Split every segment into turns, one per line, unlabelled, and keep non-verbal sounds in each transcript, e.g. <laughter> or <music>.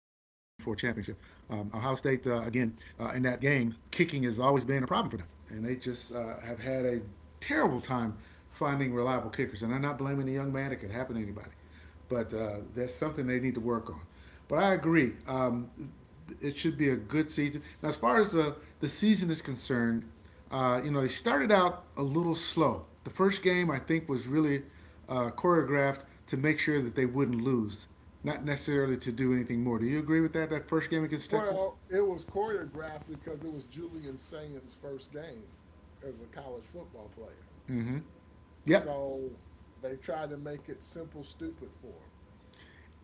State, again, in that game, kicking has always been a problem for them. And they just have had a terrible time finding reliable kickers. And I'm not blaming the young man, it could happen to anybody. But that's something they need to work on. But I agree. It should be a good season. Now, as far as the season is concerned, you know, they started out a little slow. The first game, I think, was really choreographed to make sure that they wouldn't lose, not necessarily to do anything more. Do you agree with that, that first game against Texas?
Well, it was choreographed because it was Julian Sain's first game as a college football player.
Yep.
So they tried to make it simple, stupid for him.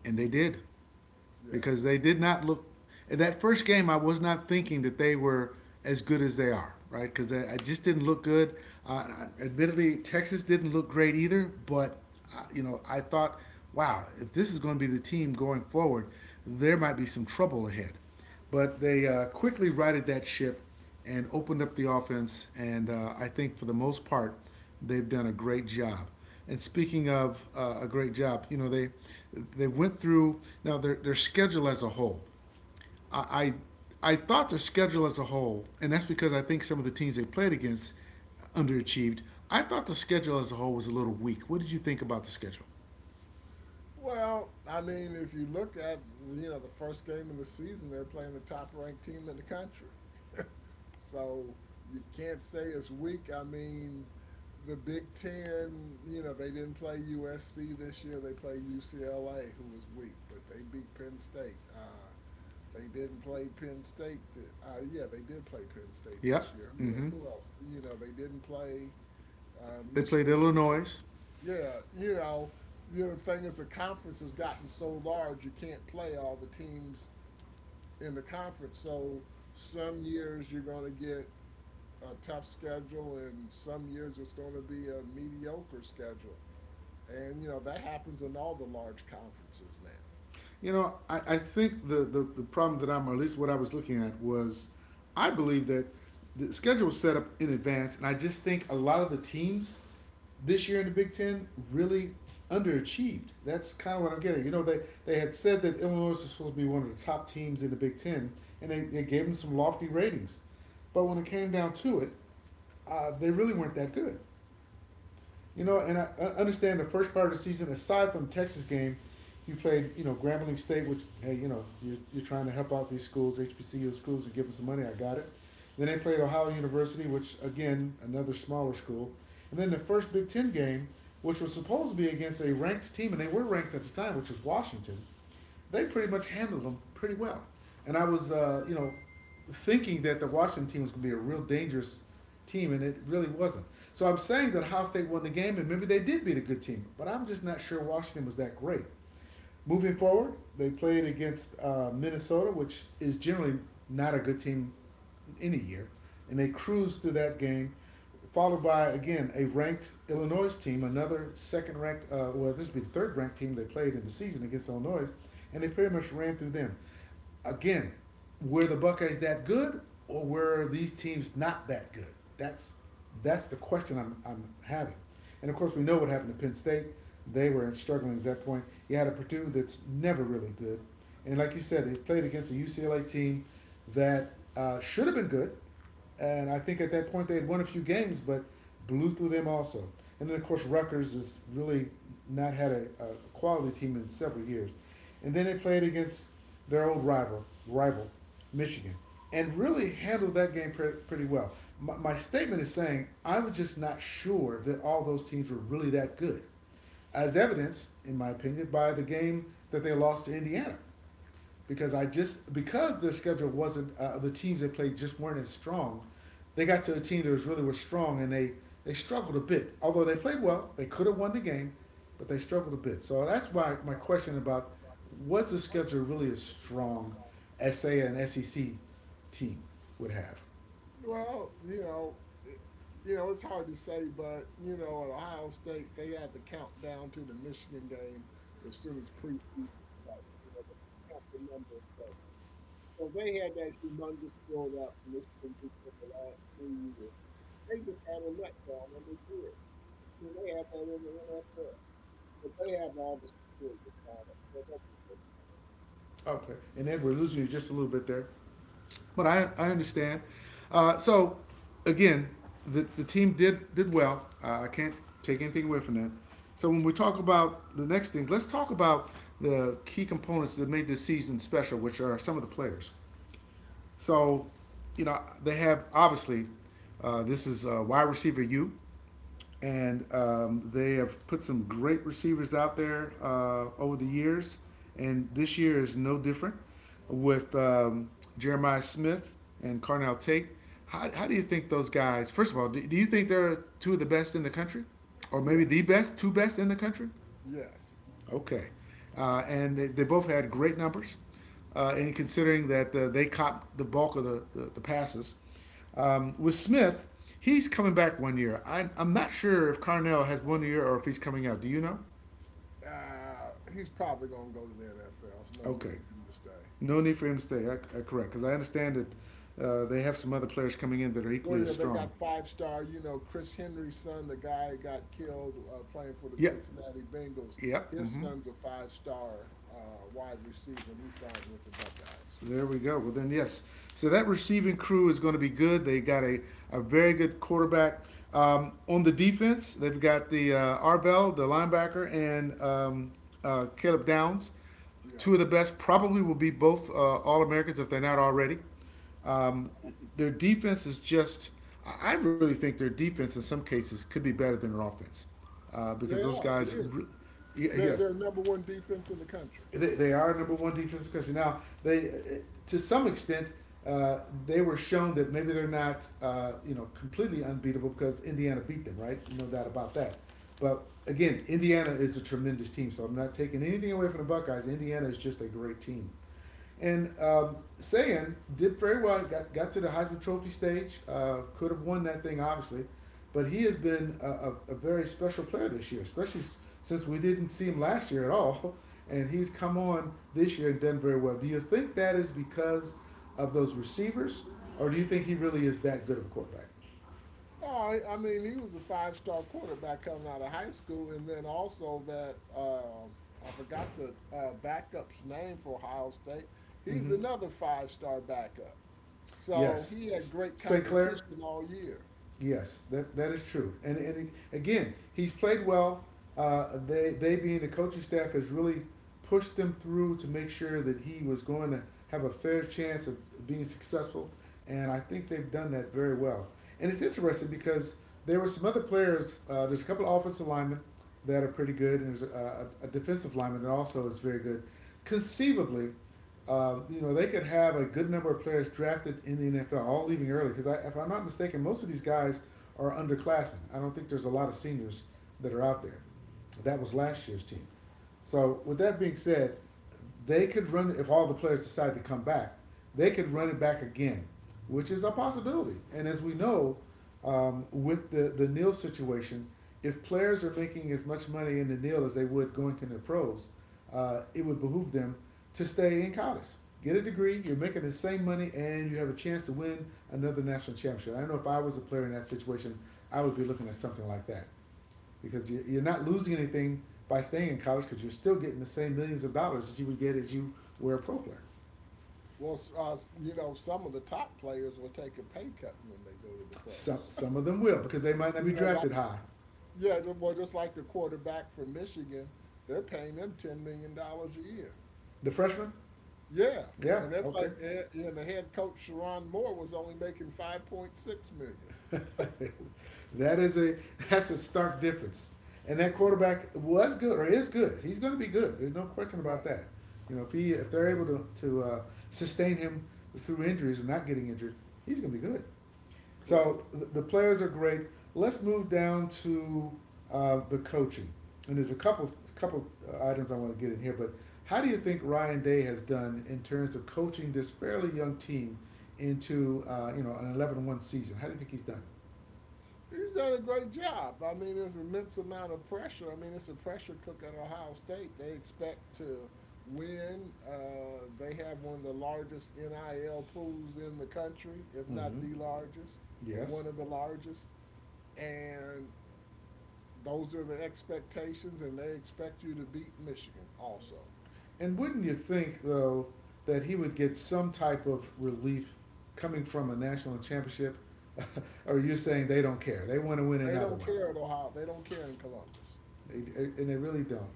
And they did.
Yes.
Because they did not look. In that first game, I was not thinking that they were as good as they are, right? Because I just didn't look good. Uh, Admittedly, Texas didn't look great either, but you know, I thought, wow, if this is going to be the team going forward, there might be some trouble ahead. But they quickly righted that ship and opened up the offense. And I think for the most part, they've done a great job. And speaking of a great job, you know, they went through now their schedule as a whole. I I thought their schedule as a whole, and that's because I think some of the teams they played against underachieved. I thought the schedule as a whole was a little weak. What did you think about the schedule?
Well, I mean, if you look at, the first game of the season, they're playing the top ranked team in the country. So you can't say it's weak. I mean, the Big Ten, they didn't play USC this year. They played UCLA, who was weak, but they beat Penn State. They didn't play Penn State. Yeah, they did play Penn State
Yep.
this year.
Hmm.
Who else? You know, they didn't play
They played
Michigan State.
Illinois.
Yeah, you know, the other thing is the conference has gotten so large, you can't play all the teams in the conference. So some years you're going to get a tough schedule, and some years it's going to be a mediocre schedule. And, you know, that happens in all the large conferences now.
You know, I think the problem that I'm, or at least what I was looking at, was I believe that the schedule was set up in advance, and I just think a lot of the teams this year in the Big Ten really underachieved. That's kind of what I'm getting. You know, they had said that Illinois was supposed to be one of the top teams in the Big Ten, and they gave them some lofty ratings. But when it came down to it, they really weren't that good. You know, and
Yeah.
I understand the first part of the season, aside from the Texas game, you played, you know, Grambling State, which, hey, you know, you're trying to help out these schools, HBCU schools, and give them some money. I got it. Then they played Ohio University, which, again, another smaller school. And then the first Big Ten game, which was supposed to be against a ranked team, and they were ranked at the time, which was Washington, they pretty much handled them pretty well. And I was, you know, thinking that the Washington team was going to be a real dangerous team, and it really wasn't. So I'm saying that Ohio State won the game, and maybe they did beat a good team, but I'm just not sure Washington was that great. Moving
Right.
forward, they played against Minnesota, which is generally not a good team any year, and they cruised through that game, followed by again a ranked Illinois team, another second ranked. Well, this would be the third ranked team they played in the season against Illinois, and they pretty much ran through them again. Were the Buckeyes that good, or were these teams not that good? That's that's the question I'm having. And of course, we know what happened to Penn State. They were struggling at that point. You had a Purdue that's never really good, and like you said, they played against a UCLA team that should have been good, and I think at that point they had won a few games, but blew through them also. And then, of course, Rutgers has really not had a quality team in several years. And then they played against their old rival, Michigan, and really handled that game pretty well. My statement is saying I was just not sure that all those teams were really that good, as evidenced, in my opinion, by the game that they lost to Indiana because I just because the schedule wasn't the teams they played just weren't as strong. They got to a team that was strong, and they struggled a bit. Although they played well, they could have won the game, but they struggled a bit. So that's why my question about was the schedule really as strong as say an SEC team would have.
Well, you know, it, you know, it's hard to say, but you know, at Ohio State, they had the countdown to the Michigan game as soon as preseason starts. You know, they count the number of days. So they had that humongous build up in Michigan for the last 3 years. They just had a letdown on their kids. I mean, they had that in the NFL. But they have all the security products, so they'll be
Okay, and then we're losing you just a little bit there. But I understand. So again, the team did well. I can't take anything away from that. So when we talk about the next thing, let's talk about the key components that made this season special, which are some of the players. So, you know, they have obviously this is wide receiver U, and they have put some great receivers out there over the years, and this year is no different with Jeremiah Smith and Carnell Tate. How do you think those guys? First of all, do you think they're two of the best in the country, or
just
maybe the
Yes,
best, two best in the country?
yes.
Okay. And they both had great numbers. And considering that they caught the bulk of the passes. With Smith, he's coming back one year. I'm not sure if Carnell has one year or if he's coming out. Do you know?
He's probably going to go to the NFL. There's no need
Okay.
for him to stay.
No need for him to stay. I correct. Because I understand that they have some other players coming in that are
Well,
equally as
yeah, they
strong.
got five star, you know, Chris Henry's son, the guy who got killed playing for the
Yep.
Cincinnati Bengals.
Yep.
His
Mm-hmm.
son's a five star wide receiver, and he signed with the Buckeyes.
There we go. Well, then, yes. So that receiving crew is going to be good. They got a very good quarterback. On the defense, they've got the Arvell, the linebacker, and Caleb Downs. Two of
Yes,
the best, probably will be both All Americans if they're not already. Um, their defense is just, I really think their defense in some cases could be better than their offense because
they
those
are. It
guys,
is. They're,
yes,
they're number one defense in the country.
they are number one defense in the country. Now, to some extent, uh, they were shown that maybe they're not, you know, completely unbeatable because Indiana beat them, right? No doubt about that. But again, Indiana is a tremendous team, so I'm not taking anything away from the Buckeyes. Indiana is just a great team. And Sayan did very well. Got to the Heisman Trophy stage. Could have won that thing, obviously, but he has been a very special player this year, especially since we didn't see him last year at all, <laughs> and he's come on this year and done very well. Do you think that is because of those receivers, or do you think he really is that good of a quarterback?
Oh, I mean, he was a five-star quarterback coming out of high school, and then also that I forgot the backup's name for Ohio State. He's
Mm-hmm.
another five-star backup, so
Yes,
he had great
St. Clair.
competition all year.
Yes, that is true. And again, he's played well. They being the coaching staff has really pushed them through to make sure that he was going to have a fair chance of being successful. And I think they've done that very well. And it's interesting because there were some other players. There's a couple of offensive linemen that are pretty good, and there's a defensive lineman that also is very good. Conceivably, you know, they could have a good number of players drafted in the NFL, all leaving early. Because I, if I'm not mistaken, most of these guys are underclassmen. I don't think there's a lot of seniors that are out there. That was last year's team. So with that being said, they could run. If all the players decide to come back, they could run
Right.
it back again, which is a possibility. And as we know, with the NIL situation, if players are making as much money in the NIL as they would going to the pros, it would behoove them to stay in college. Get a degree, you're making the same money, and you have a chance to win another national championship. I know if I was a player in that situation, I would be looking at something like that because are not losing anything by staying in college, because you're still getting the same millions of dollars that you would get if you were a pro player.
Well, you know, some of the top players will take a pay cut when they go to the
Some
pros. <laughs>
some of them will, because they might not
You
be
know, like
drafted high.
yeah, well, just like the quarterback from Michigan, they're paying them $10 million a year.
The freshman,
Yeah,
yeah,
and that's
okay.
like, and the head coach Sharon Moore was only making 5.6 million.
<laughs> That is a that's a stark difference. And that
Yeah,
quarterback was good, or is good. He's going to be good. There's no question
right,
about that. You know, if he if they're able to to sustain him through injuries, or not getting injured, he's going to be good.
correct.
So the players are great. Let's move down to the coaching, and there's a couple items I want to get in here. But how do you think Ryan Day has done in terms of coaching this fairly young team into you know, an 11-1 season? How do you think he's done?
He's done a great job. I mean, there's an immense amount of pressure. I mean, it's a pressure cook at Ohio State. They expect to win. They have one of the largest NIL pools in the country, if not
Mm-hmm.
the largest, or
Yes.
one of the largest. And those are the expectations, and they expect you to beat Michigan also.
And wouldn't you think though that he would get some type of relief coming from a national championship? <laughs> Or are you saying they don't care? They want to win
They
another
don't
one?
care at Ohio. They don't care in Columbus.
They, and they really don't.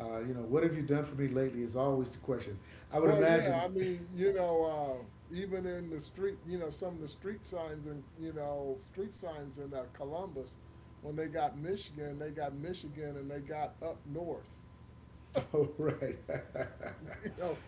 You know, what have you done for me lately is always the question. I would
Well, yeah,
imagine.
I
<laughs>
mean, you know, even in the street, you know, some of the street signs in, street signs in Columbus, when they got Michigan and they got up north,
Oh, right.
<laughs> you know,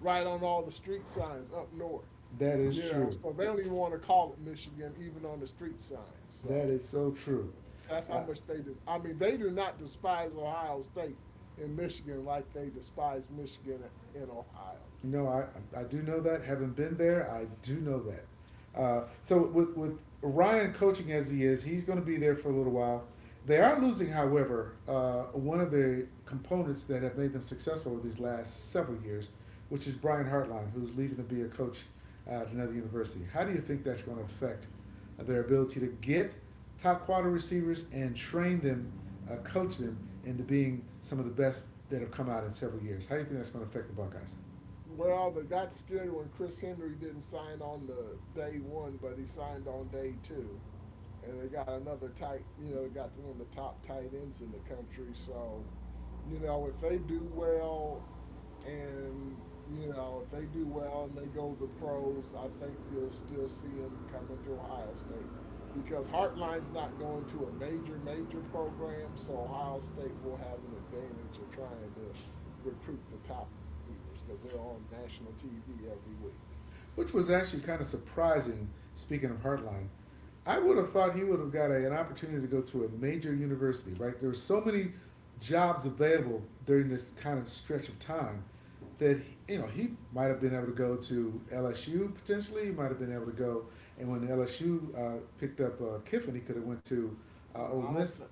right on all the street signs up north,
<laughs> That is
you know,
true.
so they don't even want to call it Michigan even on the street signs.
That
So
is so true.
that's how
Uh,
much they just, I mean, they do not despise Ohio State in Michigan like they despise Michigan in Ohio.
No, I do know that. Having been there, I do know that. So with Ryan coaching as he is, he's going to be there for a little while. They are losing, however, one of the components that have made them successful over these last several years, which is Brian Hartline, who's leaving to be a coach at another university. How do you think that's going to affect their ability to get top quarter receivers and train them, coach them into being some of the best that have come out in several years? How do you think that's going to affect the Buckeyes?
Well, they got scared when Chris Henry didn't sign on the day one, but he signed on day two, and they got another tight. You know, they got one of the top tight ends in the country. So, you know, if they do well and you know, if they do well and they go the pros, I think you'll still see them coming to Ohio State because Heartline's not going to a major program, so Ohio State will have an advantage of trying to recruit the top receivers because they're on national TV every week.
Which was actually kind of surprising. Speaking of Hartline, I would have thought he would have got a, an opportunity to go to a major university. Right, there were so many jobs available during this kind of stretch of time that you know, he might have been able to go to LSU potentially. He might have been able to go, and when LSU picked up Kiffin, he could have went to Ole
I don't.
Miss.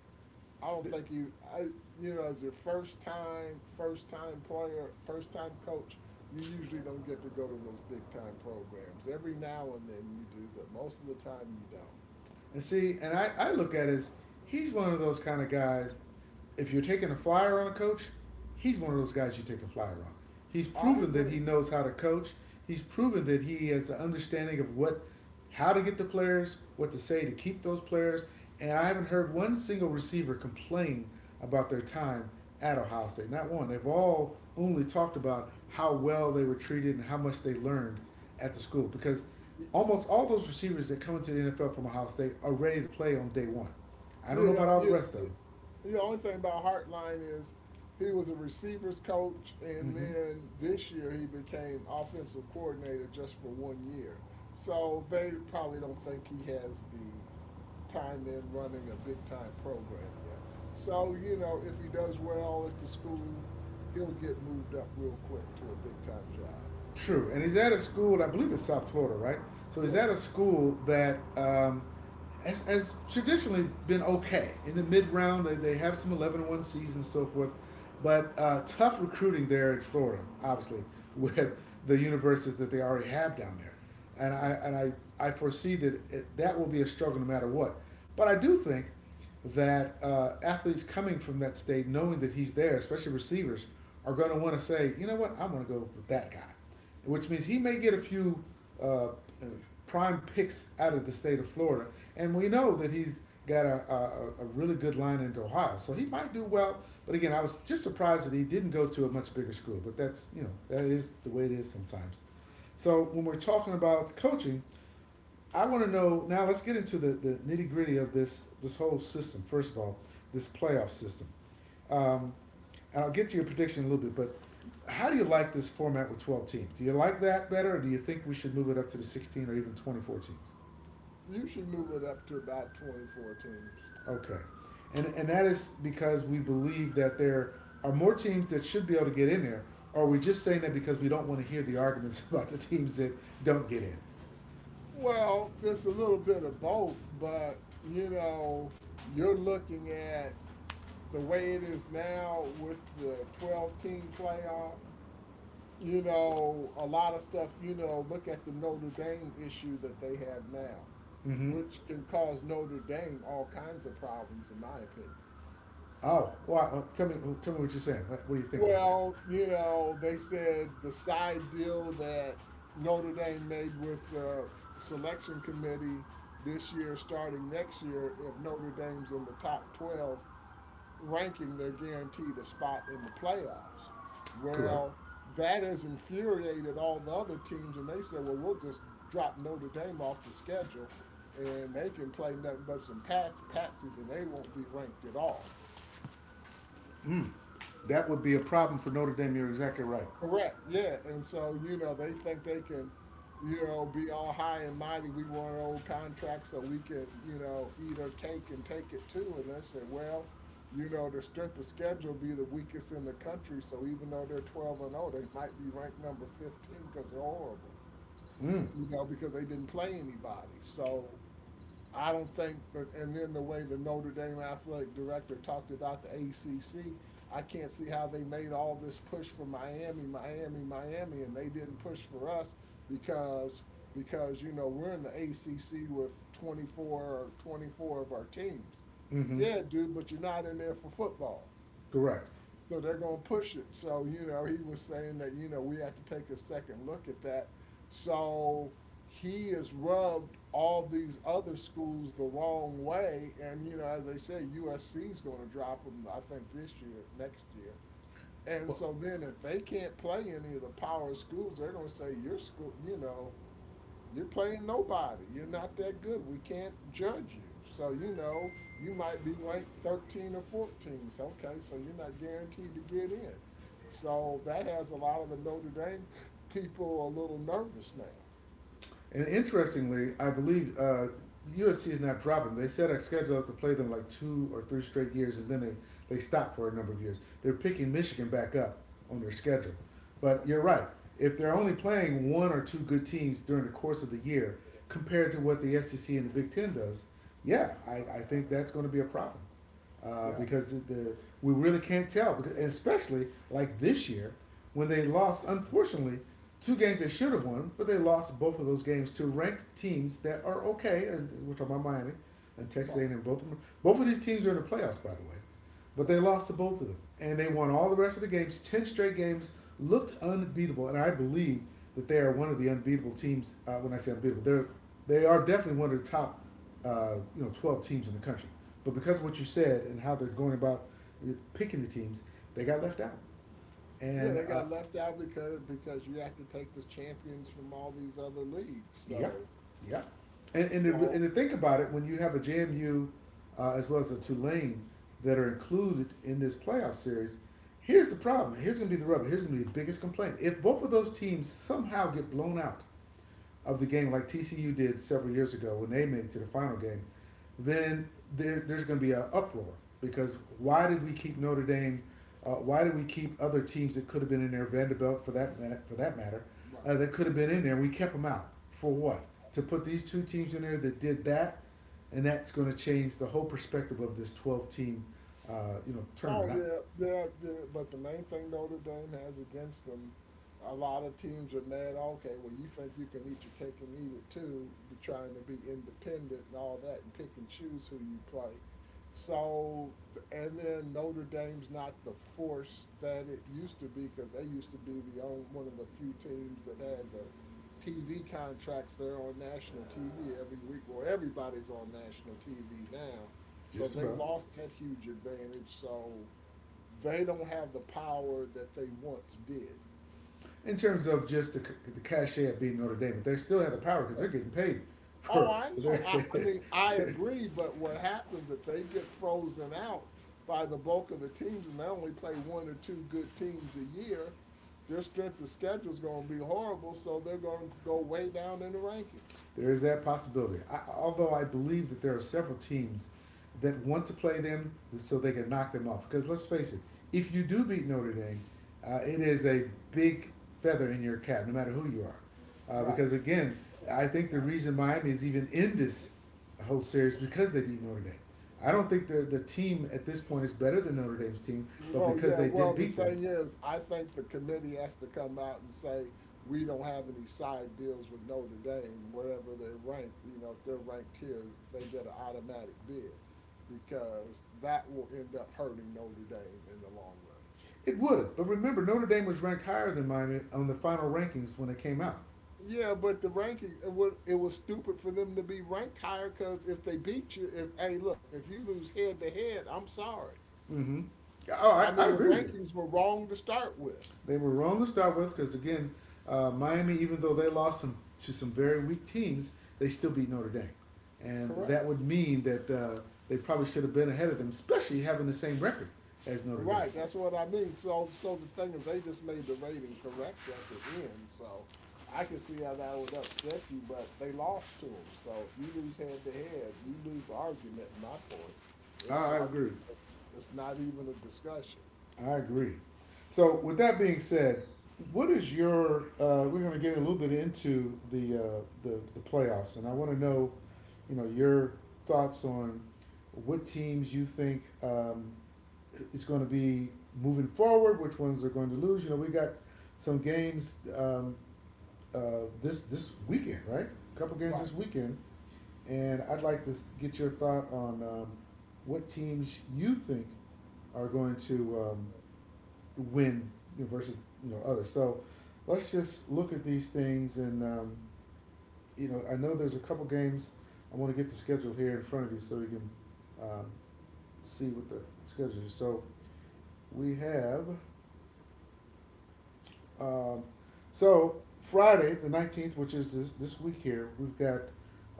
I don't think you, I, you know, as your first time player, first time coach, you usually don't get to go to those big time programs. Every now and then you do, but most of the time you don't.
And see, and I look at it as he's one of those kind of guys. If you're taking a flyer on a coach, he's one of those guys you take a flyer on. He's
I
proven that
agree.
he knows how to coach. He's proven that he has the understanding of what, how to get the players, what to say to keep those players. And I haven't heard one single receiver complain about their time at Ohio State. Not one. They've all only talked about how well they were treated and how much they learned at the school. Because
Yeah,
almost all those receivers that come into the NFL from Ohio State are ready to play on day one. I don't know
yeah,
about all the rest of
yeah,
them.
The only thing about Hartline is he was a receivers coach, and
Mm-hmm.
then this year he became offensive coordinator just for 1 year. So they probably don't think he has the time in running a big time program yet. So, you know, if he does well at the school, he'll get moved up real quick to a big time job.
True, and he's at a school. I believe it's South Florida, right? So he's at
Yeah,
a school that has traditionally been okay in the mid round. They have some 11-1 seasons and so forth, but tough recruiting there in Florida, obviously, <laughs> with the university that they already have down there, and I
right.
and I foresee that that will be a struggle no matter what. But I do think that athletes coming from that state, knowing that he's there, especially receivers, are going to want to say, you know what, I'm going to go with that guy, which means he may get a few uh, uh, prime picks out of the state of Florida. And we know that he's got a really good line into Ohio. So he might do well. But again, I was just surprised that he didn't go to a much bigger school. But that's, you know, that is the way it is sometimes. So when we're talking about coaching, I want to know now. Let's get into the nitty gritty of this whole system. First of all, this playoff system, um, and I'll get to your prediction in a little bit. But how do you like this format with 12 teams? Do you like that better, or do you think we should move it up to the 16 or even 24 teams?
You should move it up to about 24 teams.
Okay, and that is because we believe that there are more teams that should be able to get in there. Or are we just saying that because we don't want to hear the arguments <laughs> about the teams that don't get in?
Well, it's a little bit of both, but you know, you're looking at the way it is now with the 12 team playoff. You know, a lot of stuff, you know, look at the Notre Dame issue that they have now,
Mm-hmm.
which can cause Notre Dame all kinds of problems, in my opinion.
Oh, why? Well, tell me, tell me what you're saying. What do you think about that?
Well, you know, they said the side deal that Notre Dame made with the selection committee this year, starting next year, if Notre Dame's in the top 12 ranking, they're guaranteed a spot in the playoffs.
Correct.
Well, that has infuriated all the other teams, and they said, well, we'll just drop Notre Dame off the schedule, and they can play nothing but some pats, patsies, and they won't be ranked at all.
Mm. That would be a problem for Notre Dame. You're exactly right.
Correct. Yeah. And so, you know, they think they can, you know, be all high and mighty. We want an old contract so we can, you know, eat our cake and take it too. And they said, well, you know, the strength of schedule be the weakest in the country. So even though they're 12 and oh, they might be ranked number 15 because they're horrible,
Mm.
you know, because they didn't play anybody. So, I don't think, but and then the way the Notre Dame athletic director talked about the ACC, I can't see how they made all this push for Miami, and they didn't push for us because you know we're in the ACC with 24 of our teams.
Hmm.
Yeah, dude, but you're not in there for football.
Correct.
So they're going to push it. So, you know, he was saying that, you know, we have to take a second look at that. So he has rubbed all these other schools the wrong way. And, you know, as they say, USC is going to drop them, I think, next year. And
Well,
so then if they can't play any of the power schools, they're going to say, your school, you know, you're playing nobody. You're not that good. We can't judge you. So, you know, you might be ranked 13 or 14. So, okay, so you're not guaranteed to get in. So, that has a lot of the Notre Dame people a little nervous now.
and interestingly, I believe USC is not dropping. They set a schedule to play them like two or three straight years, and then they stop for a number of years. They're picking Michigan back up on their schedule.
Yeah.
But you're right. If they're only playing one or two good teams during the course of the year compared to what the SEC and the Big Ten does, yeah, I think that's going to be a problem.
Yeah.
Because the We really can't tell. Because especially like this year, when they lost, unfortunately, two games they should have won, but they lost both of those games to ranked teams that are okay. And we're talking about Miami and Texas A&M.
Right.
Both of them, both of these teams are in the playoffs, by the way. But they
Right.
lost to both of them, and they won all the rest of the games. Ten straight games looked unbeatable, and I believe that they are one of the unbeatable teams. When I say unbeatable, they are definitely one of the top, you know, 12 teams in the country. But because of what you said and how they're going about picking the teams, they got left out.
Yeah,
And
they got left out because you have to take the champions from all these other leagues.
Yep,
So,
yep. And to, and
so
to think about it, when you have a JMU as well as a Tulane that are included in this playoff series, here's the problem. Here's going to be the rubber. Here's going to be the biggest complaint. If both of those teams somehow get blown out of the game, like TCU did several years ago when they made it to the final game, then there's going to be an uproar because why did we keep Notre Dame? Why did we keep other teams that could have been in there, Vanderbilt for that minute, for that matter, that
right.
could have been in there? We kept them out for what? To put these two teams in there that did that, and that's going to change the whole perspective of this 12 team, you know, tournament.
Oh
I,
yeah. But the main thing Notre Dame has against them, a lot of teams are mad. Okay, well you think you can eat your cake and eat it too, but trying to be independent and all that, and pick and choose who you play. So and then Notre Dame's not the force that it used to be because they used to be the only one of the few teams that had the TV contracts. They're on national TV every week. Well, everybody's on national TV now so
just
they have
about.
lost that huge advantage. So they don't have the power that they once did.
In terms of just the cachet of beating Notre Dame, but they still have the power because they're
Right.
getting paid
Oh,
for
I know.
there.
I
<laughs>
mean, I agree. But what happens if they get frozen out by the bulk of the teams and they only play 1 or 2 good teams a year? Their strength of schedule is going to be horrible. So they're going to go way down in the rankings.
There is that possibility. I, although I believe that there are several teams that want to play them so they can knock them off. Because let's face it, if you do beat Notre Dame, it is a big feather in your cap, no matter who you are.
Right.
Because again, I think the reason Miami is even in this whole series, because they beat Notre Dame. I don't think the team at this point is better than Notre Dame's team, but
Well,
because they did
the
beat them,
thing is, I think the committee has to come out and say, we don't have any side deals with Notre Dame, whatever they rank, you know, if they're ranked here, they get an automatic bid because that will end up hurting Notre Dame in the long run.
it would. But remember, Notre Dame was ranked higher than Miami on the final rankings when it came out.
Yeah, but the ranking it was stupid for them to be ranked higher. Because if they beat you, if hey, look, if you lose head to head, I'm sorry.
Mm-hmm. Oh,
I
I
mean, the
agree with you.
rankings were wrong to start with.
They were wrong to start with, because again, Miami, even though they lost some to some very weak teams, they still beat Notre Dame, and that
Correct.
would mean that they probably should have been ahead of them, especially having the same record as Notre Dame.
Right, that's what I mean. So, the thing is, they just made the rating correct at the end. So, I can see how that would upset you, but they lost to them. So, if you lose head to head, you lose the argument. My point, it's
I
not,
agree with you.
it's not even a discussion.
I agree. So, with that being said, what is your? We're going to get a little bit into the the playoffs, and I want to know, you know, your thoughts on what teams you think is going to be moving forward, which ones are going to lose. You know, we got some games this weekend, right? A couple games this
Right,
weekend, and I'd like to get your thought on what teams you think are going to win versus you know others. So let's just look at these things and you know I know there's a couple games I want to get the schedule here in front of you so we can um, see what the schedule is. So we have um, so Friday the 19th, which is this week here, we've got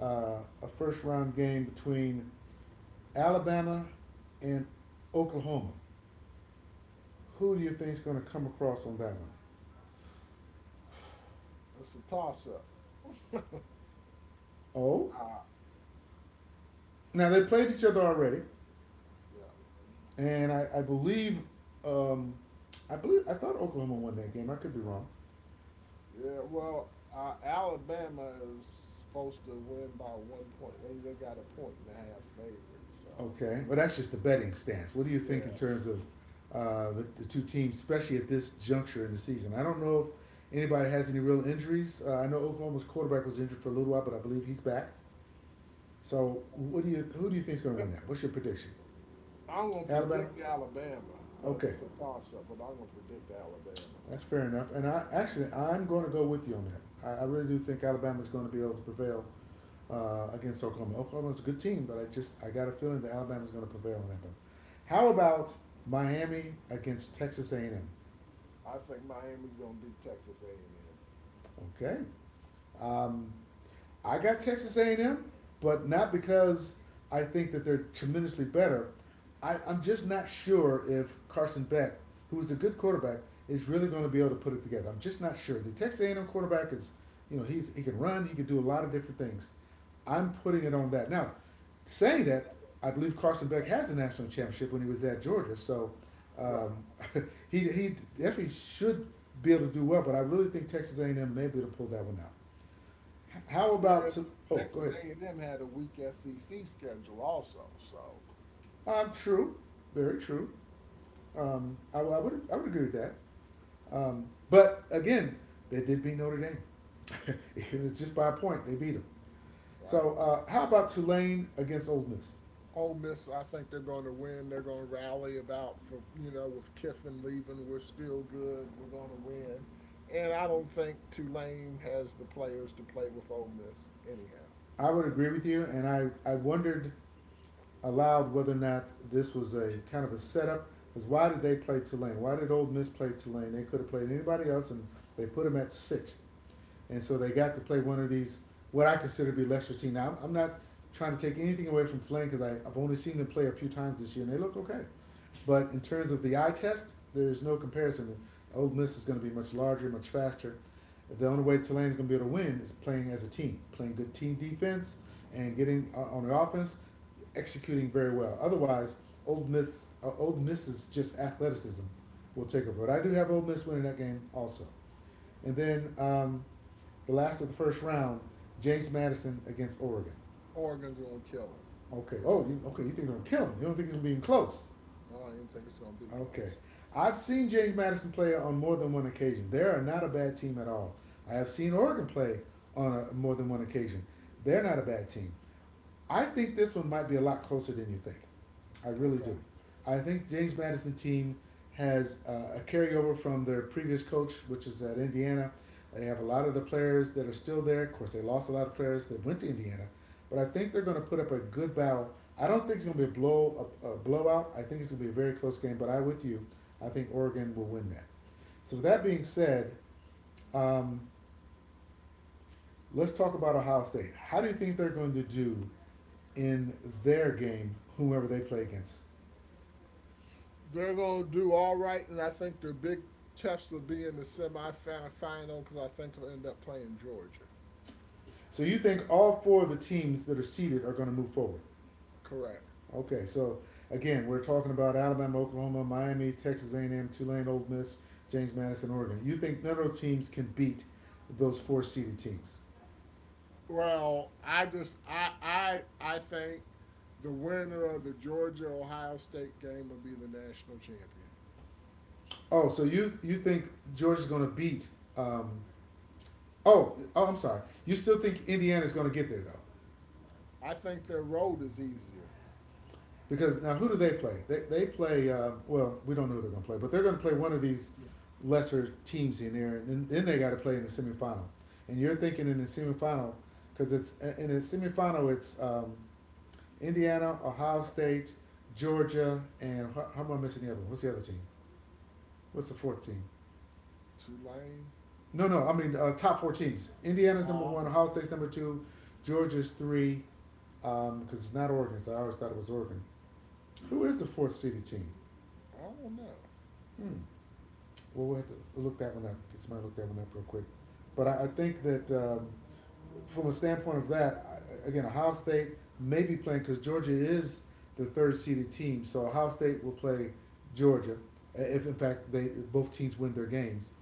a first round game between Alabama and Oklahoma. Who do you think is going to come across on that one?
it's a toss up. <laughs>
Oh,
Ah,
now they played each other already.
yeah,
And I believe, um, I believe I thought Oklahoma won that game. I could be wrong.
yeah. Well, Alabama is supposed to win by 1 point. They got a point and a half favorite. So,
Okay, but that's just the betting stance. What do you
yeah.
think in terms of the two teams, especially at this juncture in the season? I don't know if anybody has any real injuries. I know Oklahoma's quarterback was injured for a little while, but I believe he's back. So, what do you who do you think is going to win that? What's your prediction?
I'm gonna
Alabama.
predict Alabama, but
Okay,
it's a toss-up. But I'm gonna predict Alabama.
that's fair enough. And I actually I'm going to go with you on that. I really do think Alabama is going to be able to prevail against Oklahoma. Oklahoma's a good team, but I just I got a feeling that Alabama's going to prevail on that one. How about Miami against Texas A&M?
I think Miami's gonna beat Texas A&M.
Okay. Um, I got Texas A&M, but not because I think that they're tremendously better. I'm just not sure if Carson Beck, who is a good quarterback, is really going to be able to put it together. I'm just not sure. The Texas A&M quarterback is, you know, he's he can run, he can do a lot of different things. I'm putting it on that. Now, saying that, I believe Carson Beck has a national championship when he was at Georgia, so
Right.
um, <laughs> he definitely should be able to do well. But I really think Texas A&M may be able to pull that one out. How about
Yeah,
some? Oh, go
Texas
ahead.
A&M had a weak SEC schedule also. So,
True, very true. I would I would agree with that. But again, they did beat Notre Dame. <laughs> If
yeah,
it's just by a point, they beat them.
right.
So how about Tulane against Ole Miss?
Ole Miss, I think they're going to win. They're going to rally about for, with Kiffin leaving, we're still good. We're going to win, and I don't think Tulane has the players to play with Ole Miss anyhow.
I would agree with you, and I wondered aloud whether or not this was a kind of a setup. Because why did they play Tulane? Why did Ole Miss play Tulane? They could have played anybody else, and they put them at sixth. And so they got to play one of these what I consider to be lesser team. Now I'm not trying to take anything away from Tulane because I've only seen them play a few times this year and they look okay. But in terms of the eye test, there is no comparison. Ole Miss is going to be much larger, much faster. The only way Tulane is going to be able to win is playing as a team, playing good team defense, and getting on the offense, executing very well. Otherwise, Old Miss's just athleticism will take over. But I do have Ole Miss winning that game also. And then the last of the first round, James Madison against Oregon.
Oregon's going to kill
Okay. Oh, you, okay. You think they're gonna kill him? You don't think he's gonna be even close?
them. I don't even think it's going to be close.
Okay. I've seen James Madison play on more than one occasion. They are not a bad team at all. I have seen Oregon play more than one occasion. They're not a bad team. I think this one might be a lot closer than you think. I really
Okay.
do. I think James Madison team has a carryover from their previous coach, which is at Indiana. They have a lot of the players that are still there. Of course, they lost a lot of players that went to Indiana, but I think they're going to put up a good battle. I don't think it's going to be a blowout. I think it's going to be a very close game. But I with you. I think Oregon will win that. So with that being said, um, let's talk about Ohio State. How do you think they're going to do in their game, whomever they play against.
They're going to do all right, and I think their big test will be in the semifinal because I think they'll end up playing Georgia.
So you think all four of the teams that are seeded are going to move forward?
Correct.
Okay, so again, we're talking about Alabama, Oklahoma, Miami, Texas A&M, Tulane, Ole Miss, James Madison, Oregon. You think none of those teams can beat those four seeded teams?
Well, I just I think the winner of the Georgia Ohio State game will be the national champion.
Oh, so you think Georgia's going to beat? Um, oh, oh, I'm sorry. You still think Indiana's going to get there though?
I think their road is easier.
Because now, who do they play? They play, well, we don't know who they're going to play, but they're going to play one of these
Yeah.
lesser teams in there, and then they got to play in the semifinal. And you're thinking in the semifinal, because it's in the semifinal, it's Indiana, Ohio State, Georgia, and how am I missing the other one? What's the other team? What's the fourth team?
Tulane.
No, no, I mean top four teams. Indiana's number
Oh, I
one,
don't.
Ohio State's number two, Georgia's three, because it's not Oregon, so I always thought it was Oregon. Who is the fourth seeded team?
I don't know.
Hmm. Well, we'll have to look that one up. Get somebody to look that one up real quick. But I think that from a standpoint of that, I, again, Ohio State may be playing because Georgia is the third seeded team. So Ohio State will play Georgia if, in fact, they both teams win their games.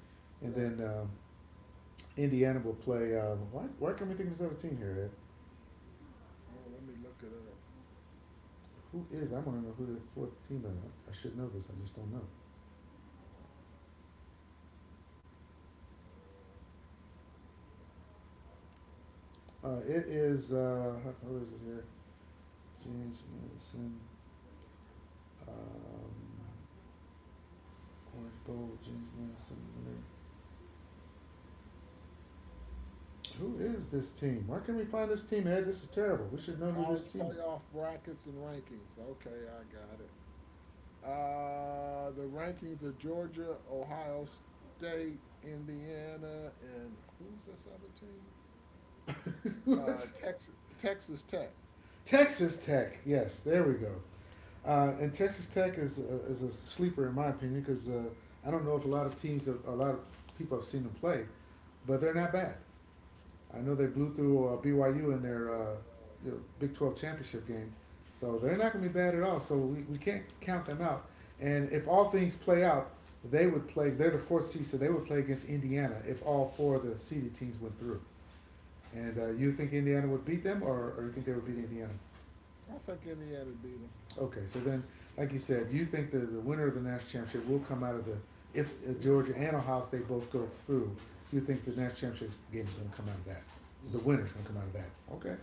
And
Right.
then Indiana will play. Why can't we think of this other team here, Ed?
Oh, let me look it up.
Who is? I want to know who the fourth team is. I should know this. I just don't know. It is. How is it here? James Madison. Um, Orange Bowl, James Madison. Who is this team? Where can we find this team, Ed? This is terrible. We
Oh,
should know who this
college
team
playoff brackets and rankings. Okay, I got it. The rankings of Georgia, Ohio State, Indiana, and who's this other team?
is. <laughs>
Texas Tech.
Texas Tech. Yes, there we go. And Texas Tech is is a sleeper in my opinion because I don't know if a lot of teams, have, a lot of people have seen them play, but they're not bad. I know they
Yeah,
blew through BYU in their you know, Big 12 championship game. So they're not going to be bad at all. So we can't count them out. And if all things play out, they're the fourth seed, so they would play against Indiana if all four of the seeded teams went through. And you think Indiana would beat them, or you think they would beat Indiana?
I think Indiana beat them.
Okay, so then, like you said, you think the winner of the national championship will come out of the, if Georgia and Ohio State both go through, you think the national championship game is going to come out of that. The
Hmm.
winner's going to come out of that. Okay.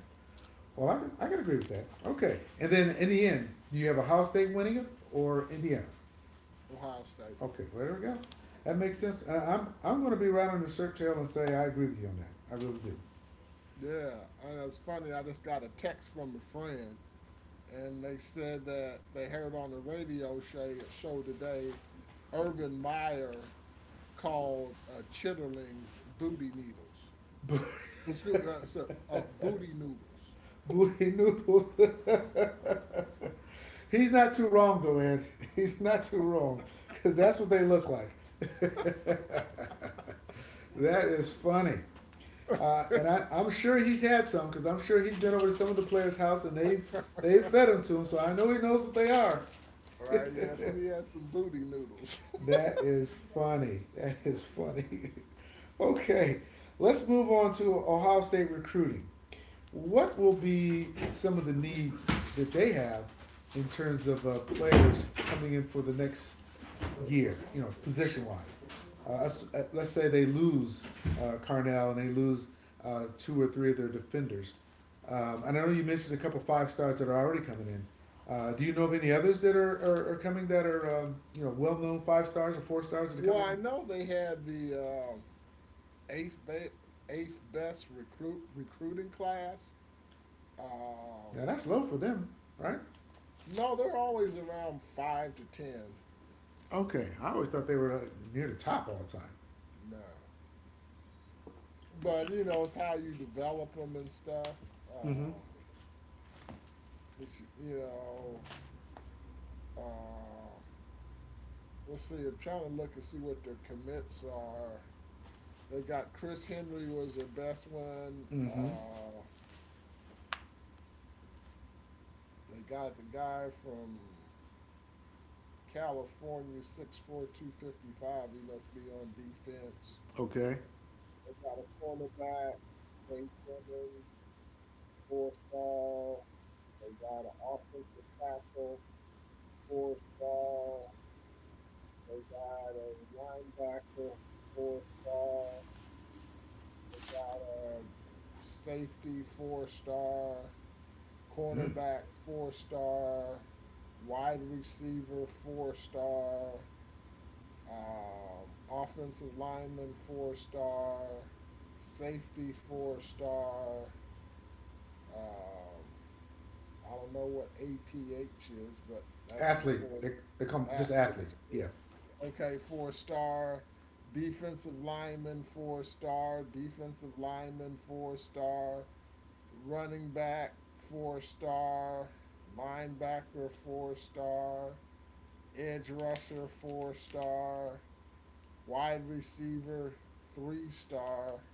Well, I can agree with that. Okay. And then in the end, do you have Ohio State winning it or Indiana?
Ohio State.
Okay, well, there we go. That makes sense. I'm going to be right on your shirt tail and say I agree with you on that. I really do.
Yeah, and it's funny. I just got a text from a friend, and they said that they heard on the radio show today, Urban Meyer called chitterlings booty needles. It's good. So, booty noodles.
Booty Noodle. He's not too wrong, though, Ed. <laughs> He's not too wrong because that's what they look like. <laughs> that is funny. And I, I'm sure he's had some because I'm sure he's been over to some of the players' house and they've fed them to him, so I know he knows what they are.
Right, yeah, so he had some booty noodles.
That is funny. That is funny. <laughs> okay, let's move on to Ohio State recruiting. What will be some of the needs that they have in terms of players coming in for the next year? You know, position wise. Let's say they lose Carnell and they lose two or three of their defenders. And I know you mentioned a couple five stars that are already coming in. Do you know of any others that are coming that are you know well known five stars or four stars
<laughs>
that are
Well, I
coming?
know they had the um, eighth best recruiting class. Um,
Now that's low for them, right?
no, they're always around 5 to 10.
Okay, I always thought they were near the top all the time.
No, but you know, it's how you develop them and stuff.
Mm-hmm.
Uh, let's see, you know, uh, let's see. I'm trying to look and see what their commits are. They got Chris Henry was their best one.
Mm-hmm.
Uh, they got the guy from California 6'4", 255. He must be on defense.
Okay.
They got a cornerback, Jay Timmons, four star. They got an offensive tackle, four star. They got a linebacker, four star. They got a safety, four star.
Mm.
Cornerback, four star. Wide receiver, four star. Offensive lineman four-star, safety four star. Um, I don't know what ATH is, but that's a
Athlete.
four
They call 'em just
athlete.
athlete. Yeah.
Okay, four star. Defensive lineman four star. Defensive lineman four star. Running back four star. Linebacker four star. Edge rusher four star. Wide receiver, three star,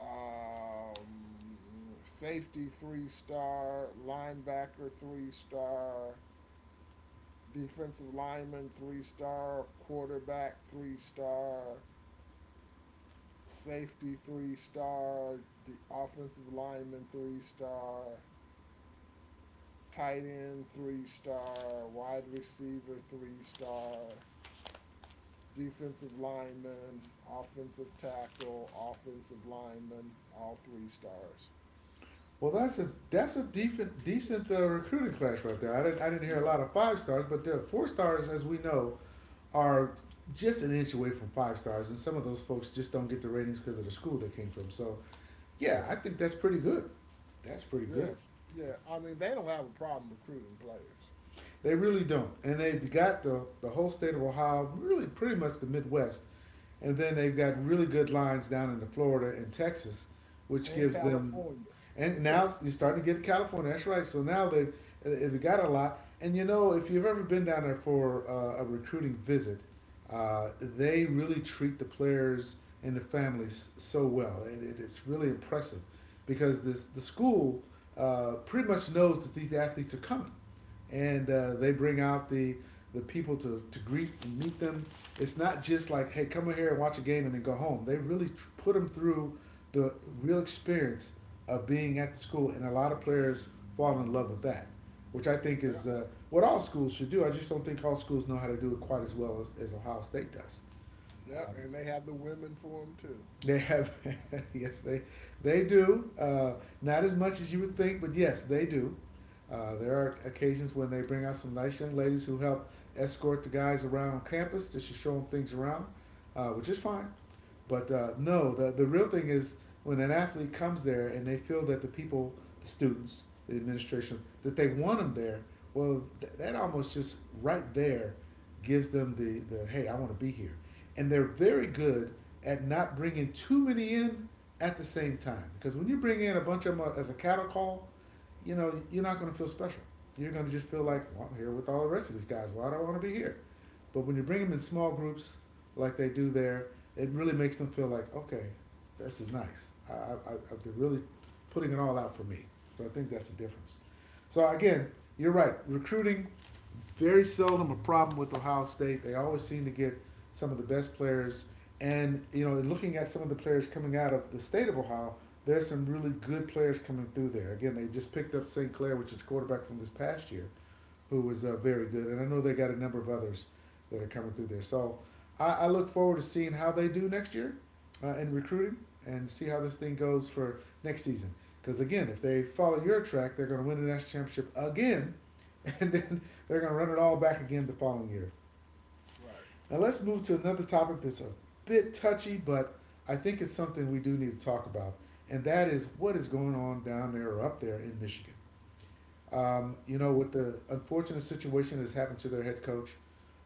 safety, three-star, linebacker, three-star, defensive lineman, three-star, quarterback, three-star, safety, three star, the offensive lineman, three-star, tight end, three-star, wide receiver, three star. Defensive lineman, offensive tackle, offensive lineman, all three stars.
Well, that's a decent recruiting class right there. I didn't hear a
Yeah,
lot of five stars, but the four stars, as we know, are just an inch away from five stars, and some of those folks just don't get the ratings because of the school they came from. So yeah, I
correct.
think that's pretty good. That's pretty good.
Yes. Yeah. I mean, they don't have a problem recruiting players.
They really don't. And they've got the whole state of Ohio, really pretty much the Midwest. And then they've got really good lines down into Florida and Texas, which
And
gives them.
California.
And now you're starting to get to California. That's right. So now they've got a lot. And you know, if you've ever been down there for a recruiting visit, they really treat the players and the families so well. It's really impressive because the school pretty much knows that these athletes are coming and they bring out the people to greet and meet them. It's not just like, hey, come over here and watch a game and then go home. They really put them through the real experience of being at the school, and a lot of players fall in love with that, which I think is
Yep.
what all schools should do. I just don't think all schools know how to do it quite as well as Ohio State does.
Yep.
Um,
And they have the women for them too.
they have, <laughs> yes, they do. Not as much as you would think, but yes, they do. There are occasions when they bring out some nice young ladies who help escort the guys around campus just to show them things around, which is fine. But no, the real thing is when an athlete comes there and they feel that the people, the students, the administration, that they want them there. Well, that almost just right there gives them the hey, I want to be here, and they're very good at not bringing too many in at the same time. Because when you bring in a bunch of them as a cattle call, you know, you're not going to feel special. You're going to just feel
Right.
like,
Right.
well, I'm here with all the rest of these guys. Why do I want to be here? But when you bring them in small groups like they do there, it really makes them feel like, okay, this is nice. I, they're really putting it all out for me. So I think that's the difference. So again, you're right. Recruiting very seldom a problem with Ohio State. They always seem to get some of the best players. And, you know, looking at some of the players coming out of the state of Ohio, there's some really good players coming through there. Again, they just picked up St. Clair, which is quarterback from this past year who was very good. And I know they got a number of others that are coming through there. So I look forward to seeing how they do next year in recruiting and see how this thing goes for next season. Because again, if they follow your track, they're going to win the national championship again, <laughs> and then they're going to run it all back again the following year.
Right. Right.
Now let's move to another topic that's a bit touchy, but I think it's something we do need to talk about, and that is what is going on down there or up there in Michigan you know, with the unfortunate situation that's happened to their head coach,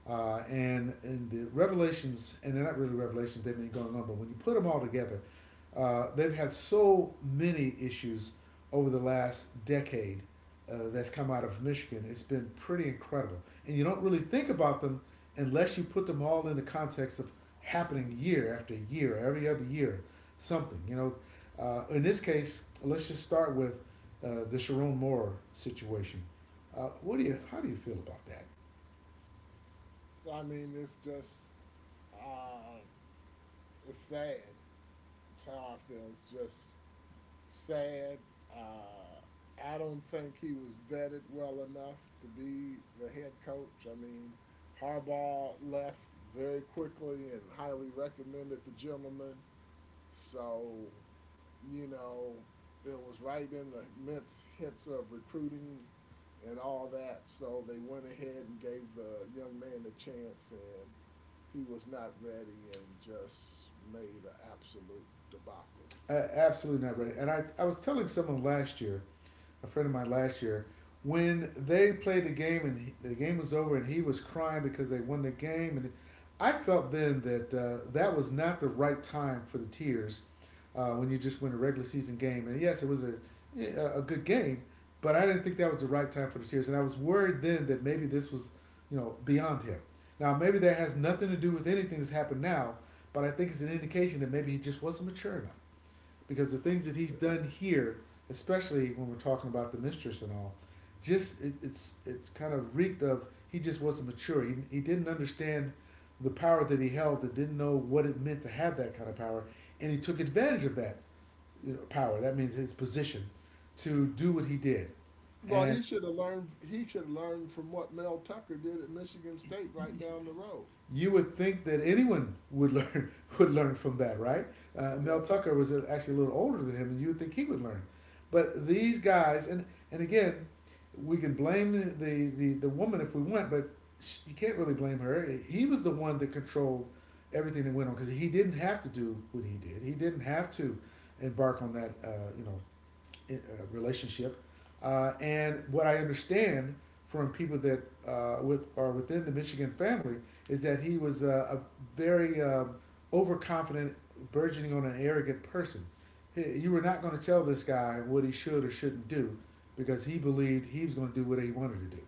and the revelations, and they're not really revelations; they've been going on. But when you put them all together, they've had so many issues over the last decade that's come out of Michigan. It's been pretty incredible, and you don't really think about them unless you put them all in the context of happening year after year, every other year, something. You know, in this case, let's just start with the Sharon Moore situation. What do you? How do you feel about that?
So, I mean, it's just, uh, it's sad. It's how I feel. It's just, sad. Uh, I don't think he was vetted well enough to be the head coach. I mean, Harbaugh left very quickly and highly recommended the gentleman. So, you know, it was right in the midst hits of recruiting and all that. So they went ahead and gave the young man a chance, and he was not ready and just made an absolute debacle.
Absolutely not ready. And I was telling someone last year a friend of mine last year when they played the game and he, the game was over and he was crying because they won the game and I felt then that that was not the right time for the tears when you just win a regular season game and yes it was a a good game but I didn't think that was the right time for the tears and I was worried then that maybe this was you know beyond him now maybe that has nothing to do with anything that's happened now but I think it's an indication that maybe he just wasn't mature enough because the things that he's done here, especially when we're talking about the mistress and all, just it's kind of reeked of he just wasn't mature. He didn't understand the power that he held and didn't know what it meant to have that kind of power, and he took advantage of that you know, power. That means his position to do what he did,
Well, he
and
should have learned. He should have learned from what Mel Tucker did at Michigan State, right down the road.
you would think that anyone would <laughs> learn would learn from that, right? Mel
Yeah.
Tucker was actually a little older than him, and you would think he would learn. But these guys, and again, we can blame the woman if we want, but she, you can't really blame her. He was the one that controlled everything that went on because he didn't have to do what he did. He didn't have to embark on that you know uh, relationship. And what I understand from people that with are within the Michigan family is that he was a very overconfident, burgeoning on an arrogant person. He, you were not going to tell this guy what he should or shouldn't do because he believed he was going to do what he wanted to do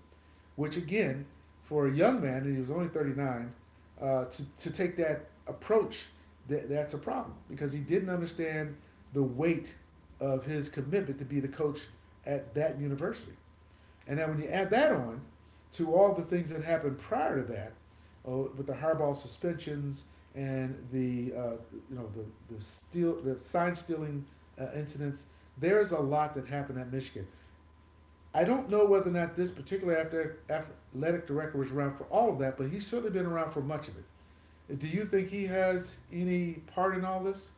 which again, for a young man, and he was only 39, to take that approach, that's a problem because he didn't understand the weight of his commitment to be the coach at that university. And then when you add that on to all the things that happened prior to that, oh, with the Harbaugh suspensions and the you know the steal the sign stealing incidents, there is a lot that happened at Michigan. I don't know whether or not this particular athletic director was around for all of that, but he's certainly been around for much of it. Do you think he has any part in all this?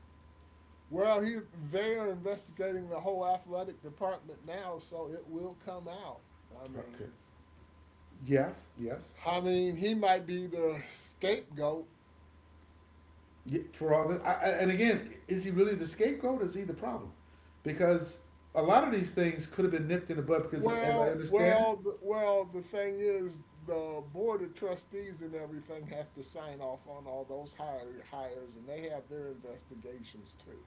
Well, he they are investigating the whole athletic department now, so it will come out. I mean,
Okay. Yes, yes.
I mean, he might be the scapegoat.
Yeah, for all this, I, and again, is he really the scapegoat? Or is he the problem? Because a lot of these things could have been nipped in the bud. Because as I
Well,
understand it,
well, the, well. the thing is, the board of trustees and everything has to sign off on all those hires, and they have their investigations too.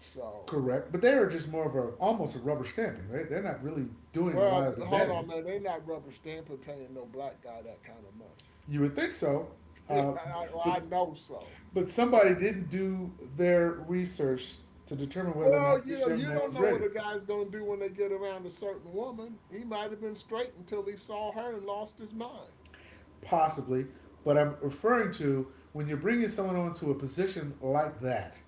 So.
correct, but they are just more of a almost a rubber stamping, right? They're not really doing a lot
Well,
of the
hold
vetting.
on, man. They not rubber stamping paying no black guy that kind of money. <laughs>
You would think so,
Yeah,
uh,
well, I
but
know so.
but somebody didn't do their research to determine whether or
Well,
not
you
this
know,
young
you
man
don't
was
know what
ready.
a guy's gonna do when they get around a certain woman. He might have been straight until he saw her and lost his mind.
Possibly, but I'm referring to when you're bringing someone onto a position like that,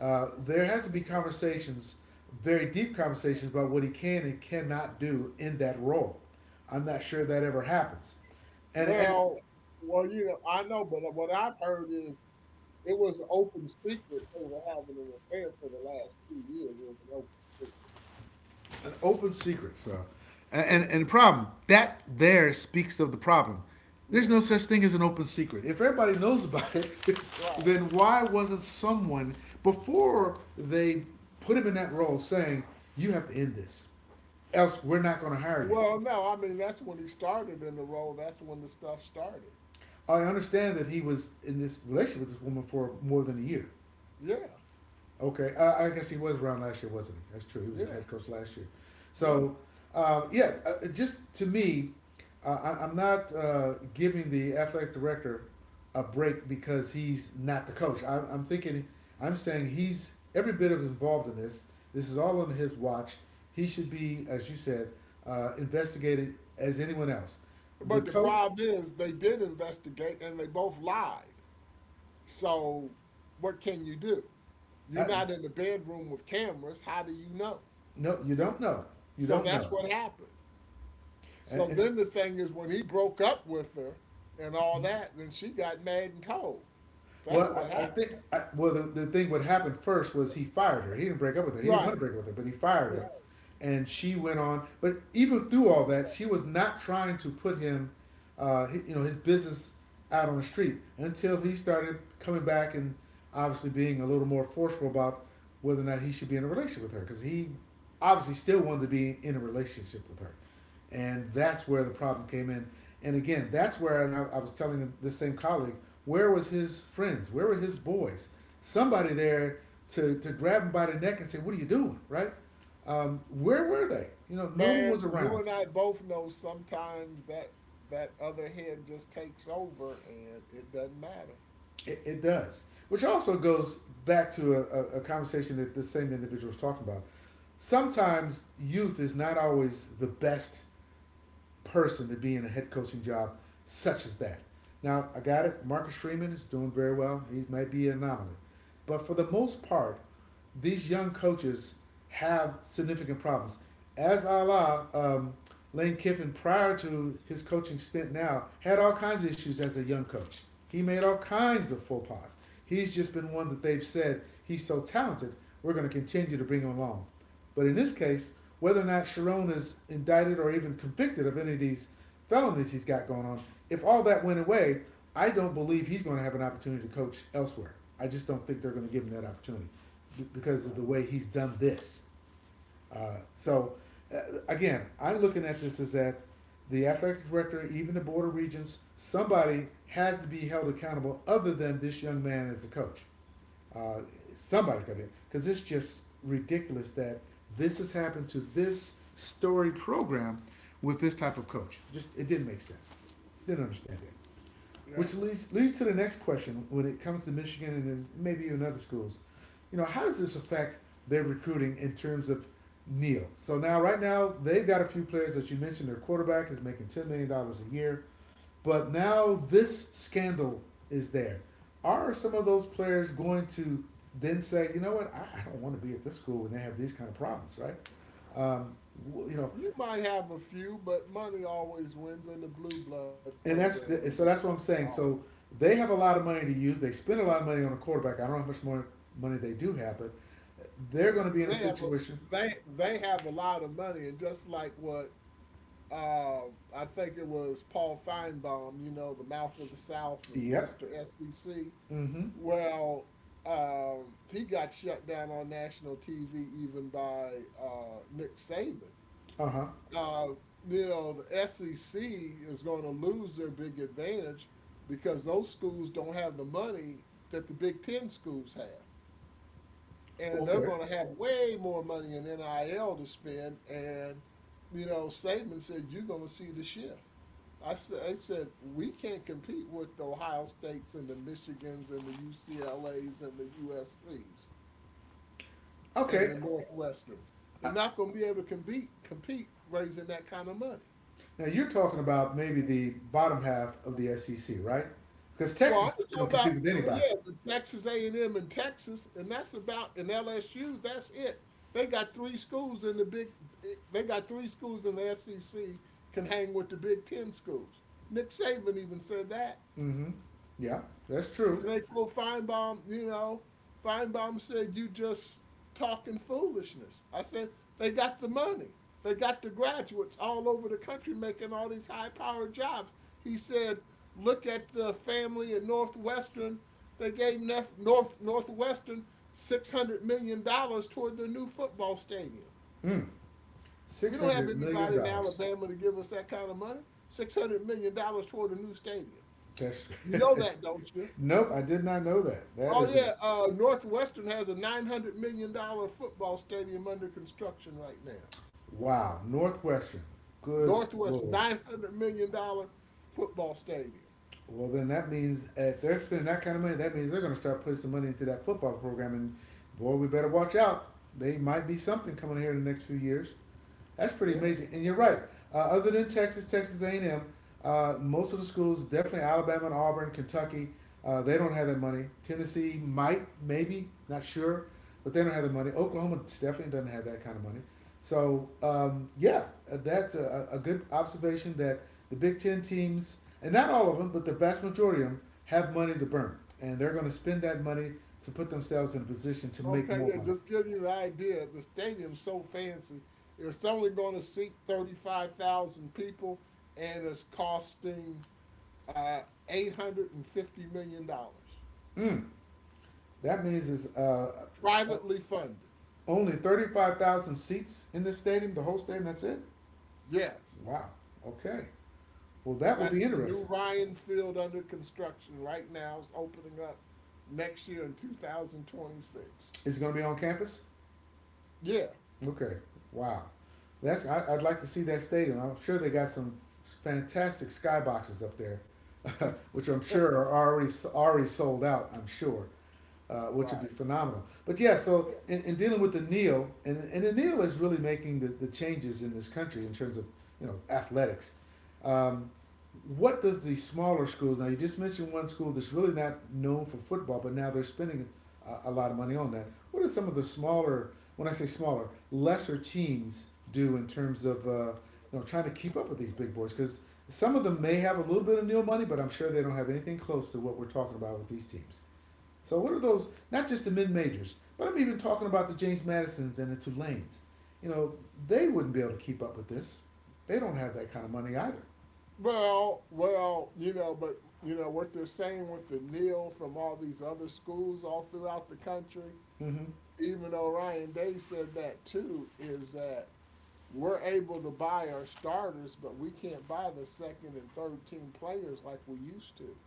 there has to be conversations, very deep conversations about what he can and cannot do in that role. I'm not
Yeah.
sure that ever happens. And,
Well, well, you know, I know, but what I've heard is it was open secret they were having an affair for the last 2 years. It was an open
open secret. So, and, and
secret.
and the problem that there speaks of the problem.
<laughs> Yeah, yeah,
There's no such thing as an open secret. If everybody knows about it, <laughs>
right.
then why wasn't someone before they put him in that role saying, "You have to end this, else we're not going to hire you."
Well, no, I mean that's when he started in the role. That's when the stuff started.
I understand that he was in this relationship with this woman for more than a year.
Yeah.
Okay, I guess he was around last year, wasn't he? That's true. He was a
Yeah,
head coach last year.
yeah.
So, yeah, uh, just to me, I'm not giving the athletic director a break because he's not the coach. I'm thinking, I'm saying he's every bit of involved in this. This is all on his watch. He should be, as you said, investigated as anyone else. The
But the
coach,
problem is they did investigate and they both lied. So what can you do? You're
I,
not in the bedroom with cameras. How do you know?
no, you don't know. You
So
don't
that's
know.
what happened. So
And,
then the thing is when he broke up with her and all that, then she got mad and told. That's what
well, I
happened.
think well the thing what happened first was he fired her. He didn't break up with her. He didn't
Right.
want to break up with her, but he fired
Yeah.
her, and she went on. But even through all that, she was not trying to put him, his business out on the street until he started coming back and obviously being a little more forceful about whether or not he should be in a relationship with her because he obviously still wanted to be in a relationship with her. And that's where the problem came in. And again, that's where, and I was telling this same colleague, where was his friends? Where were his boys? Somebody there to grab him by the neck and say, "What are you doing?" Right? Where were they? You know, no one
Man,
was
you
around.
and I both know sometimes that that other head just takes over and it doesn't matter.
It does. Which also goes back to a, a conversation that the same individual was talking about. Sometimes youth is not always the best person to be in a head coaching job such as that. Now, I got it. Marcus Freeman is doing very well. He might be an anomaly. But for the most part, these young coaches have significant problems. As Allah, um, Lane Kiffin, prior to his coaching stint now, had all kinds of issues as a young coach. He made all kinds of faux pas. He's just been one that they've said he's so talented, we're going to continue to bring him along. But in this case, whether or not Sharon is indicted or even convicted of any of these felonies he's got going on, if all that went away, I don't believe he's going to have an opportunity to coach elsewhere. I just don't think they're going to give him that opportunity because of the
Right.
way he's done this. Uh, so, uh, again, I'm looking at this as that the athletic director, even the board of regents, somebody has to be held accountable other than this young man as a coach. Uh, somebody's got to, be, because it's just ridiculous that this has happened to this story program with this type of coach. Just it didn't make sense. Didn't understand it. Which
Yeah.
leads to the next question when it comes to Michigan and then maybe even other schools. You know, how does this affect their recruiting in terms of Neal? So now, right now, they've got a few players that you mentioned. Their quarterback is making $10 million a year, but now this scandal is there. Are some of those players going to then say, you know what, I don't want to be at this school when they have these kind of problems, right? Um, you know,
You might have a few, but money always wins in the blue blood
and that's and
programs.
so that's what I'm saying.
Oh,
So they have a lot of money to use. They spend a lot of money on a quarterback. I don't know how much more money they do have, but they're
th-
going to be in
they
a
have a
situation.
they have a lot of money, and just like what, I think it was Paul Feinbaum, you know, the mouth of the South was
Yep.
Mr. SEC.
Mm-hmm.
Well, he got shut down on national TV even by Nick Saban,
Uh huh.
uh, you know, the SEC is going to lose their big advantage because those schools don't have the money that the Big Ten schools have. And they're
Okay.
going to have way more money in NIL to spend. And, you know, Saban said, you're going to see the shift. I said, we can't compete with the Ohio States and the Michigans and the UCLAs and the USCs and
Okay.
the Northwesterns. They're
I,
not going to be able to compete raising that kind of money.
now you're talking about maybe the bottom half of the SEC, right? Because
Well,
Texas
I'm
can
talking about,
compete with
well, yeah,
anybody.
the Texas A&M in Texas, and that's about, and LSU. That's it. They got three schools in the big. They got three schools in the SEC can hang with the Big Ten schools. Nick Saban even said that.
Mm-hmm. Yeah, that's true.
And they told Feinbaum, you know, Feinbaum said, you just talking foolishness. I said, they got the money. They got the graduates all over the country making all these high powered jobs. He said, look at the family at Northwestern. They gave Northwestern $600 million dollars toward their new football stadium.
Mm.
We
Six
don't have
hundred million
anybody in
dollars.
Alabama to give us that kind of money. $600 million dollars toward a new stadium.
That's
You know that, don't you?
<laughs> nope. I did not know that. That
Oh
is a
yeah, Northwestern has a $900 million football stadium under construction right now.
Wow, Northwestern. Good
Northwest
lord.
$900 million football stadium.
Well, then that means if they're spending that kind of money, that means they're going to start putting some money into that football program. And boy, we better watch out. They might be something coming here in the next few years. That's pretty
Yeah.
amazing. And you're right. Other than Texas, Texas A&M, most of the schools, definitely Alabama and Auburn, Kentucky, they don't have that money. Tennessee might, maybe, not sure, but they don't have the money. Oklahoma definitely doesn't have that kind of money. So, that's a, good observation that the Big Ten teams, and not all of them, but the vast majority of them, have money to burn, and they're going to spend that money to put themselves in a position to make
Okay.
more
Yeah.
money.
Just give you the idea. The stadium's so fancy. It's only going to seat 35,000 people, and it's costing uh, $850 million,
Mm, that means is
privately funded.
Only 35,000 seats in this stadium, the whole stadium, that's it?
Yes.
Wow. Okay. Well, that will
That's
be
the new
interesting.
Ryan Field under construction right now. It's opening up next year in 2026.
Is it going to be on campus?
Yeah,
Okay. Wow. I'd like to see that stadium. I'm sure they got some fantastic skyboxes up there, <laughs> which I'm sure are already sold out. I'm sure. Which would be
right.
phenomenal. But yeah, so in, dealing with the Neil, and, the Neil is really making the, changes in this country in terms of you know athletics. Um, what does the smaller schools now? You just mentioned one school that's really not known for football, but now they're spending a, lot of money on that. What are some of the smaller, when I say smaller, lesser teams do in terms of you know trying to keep up with these big boys? Because some of them may have a little bit of Neil money, but I'm sure they don't have anything close to what we're talking about with these teams. So what are those? Not just the mid majors, but I'm even talking about the James Madisons and the Tulanes. You know, they wouldn't be able to keep up with this. They don't have that kind of money either.
Well, you know, but you know what they're saying with the Neil from all these other schools all throughout the country,
Mm-hmm.
even though Ryan Day said that too, is that we're able to buy our starters, but we can't buy the second and third team players like we used to.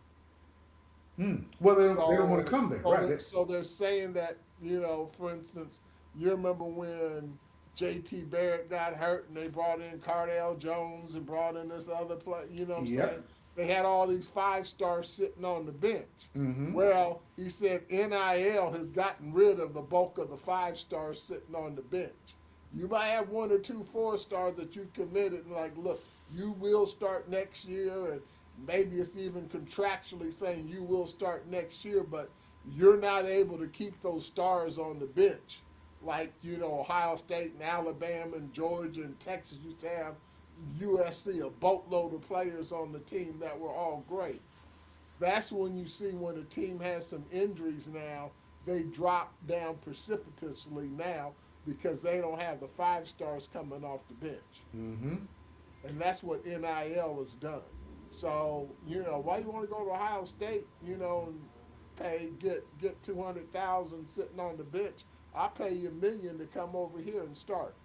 Hmm. Well, they don't want to
So
come there,
so
right?
they're
They-
so they're saying that, you know, for instance, you remember when JT Barrett got hurt and they brought in Cardale Jones and brought in this other player, you know what I'm saying?
yep.
They had all these five stars sitting on the bench.
Mm-hmm.
Well, he said NIL has gotten rid of the bulk of the five stars sitting on the bench. You might have one or two four stars that you've committed, like, look, you will start next year, and maybe it's even contractually saying you will start next year, but you're not able to keep those stars on the bench like, you know, Ohio State and Alabama and Georgia and Texas used to have USC, a boatload of players on the team that were all great. That's when you see when a team has some injuries now, they drop down precipitously now because they don't have the five stars coming off the bench
Mm-hmm.
and that's what NIL has done. So you know why you want to go to Ohio State, and pay, get $200,000 sitting on the bench. I pay you a million to come over here and start.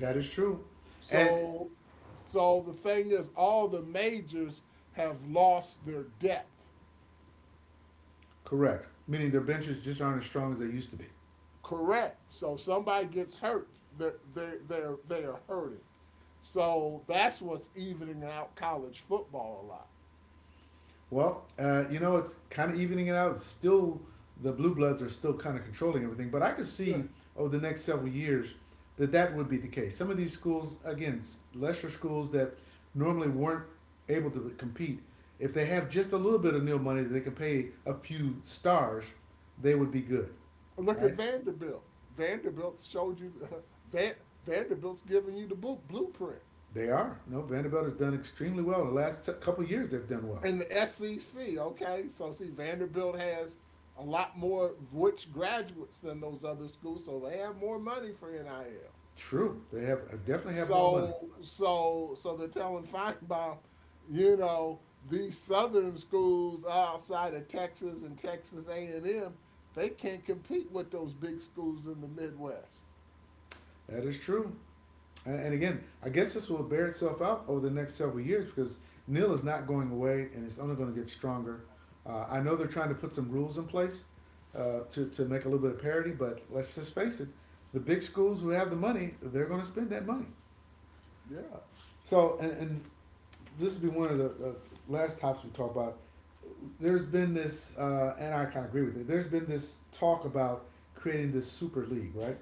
That is true, and
So so the thing is, all the majors have lost their depth.
correct. Meaning their benches just aren't as strong as they used to be.
Correct. So somebody gets hurt, they are hurting. So that's what's evening out college football a lot.
Well, you know, it's kind of evening it out. Still, the Blue Bloods are still kind of controlling everything, but I could
Yeah.
see over the next several years that that would be the case. Some of these schools, again, lesser schools that normally weren't able to compete, if they have just a little bit of nil money that they can pay a few stars, they would be good.
Look at
Right?
Vanderbilt. Vanderbilt showed you <laughs> Van, Vanderbilt's giving you the blueprint
They are. No, Vanderbilt has done extremely well. The last t- couple of years, they've done well.
and the SEC. Okay, so see Vanderbilt has a lot more rich graduates than those other schools, so they have more money for NIL.
True. They have definitely have more money.
So so they're telling Feinbaum, you know, these southern schools outside of Texas and Texas A and M, they can't compete with those big schools in the Midwest.
That is true. And again, I guess this will bear itself out over the next several years because NIL is not going away and it's only going to get stronger. I know they're trying to put some rules in place to make a little bit of parity, but let's just face it, the big schools who have the money, they're going to spend that money.
Yeah.
So, and this will be one of the last topics we talk about. There's been this, and I kind of agree with it, there's been this talk about creating this super league, right?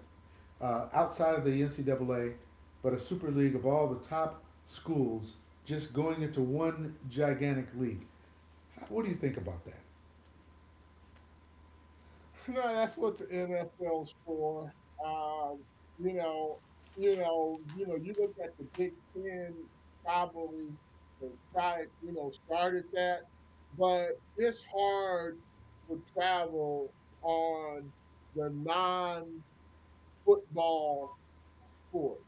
outside of the NCAA, but a super league of all the top schools just going into one gigantic league. How, what do you think about that?
<laughs> No, that's what the NFL's for. Um, you know, you know, you look at the Big Ten probably has tried, you know, started that, but it's hard for travel on the non-football sports.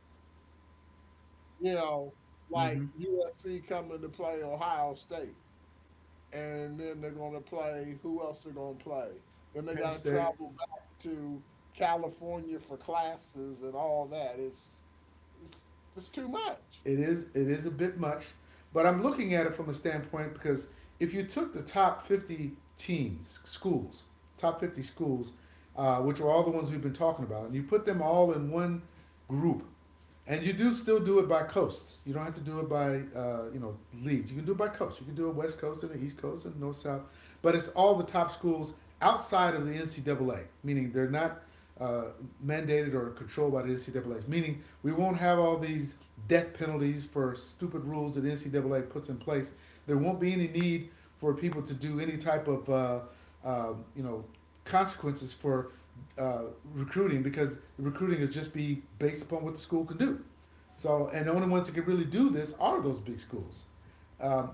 You know, like
Mm-hmm.
USC coming to play Ohio State. And then they're going to play who else they're going to play, then they
Penn
got to
State,
travel back to California for classes and all that. It's it's too much.
it is a bit much, but I'm looking at it from a standpoint because if you took the top 50 teams, schools, top 50 schools, which are all the ones we've been talking about, and you put them all in one group, and you do still do it by coasts. You don't have to do it by you know leagues. You can do it by coast. You can do it West Coast and the East Coast and North South, but it's all the top schools outside of the NCAA, meaning they're not uh, mandated or controlled by the NCAA. Meaning we won't have all these death penalties for stupid rules that NCAA puts in place. There won't be any need for people to do any type of you know consequences for uh, recruiting because recruiting is just be based upon what the school can do. So, and the only ones that can really do this are those big schools. Um,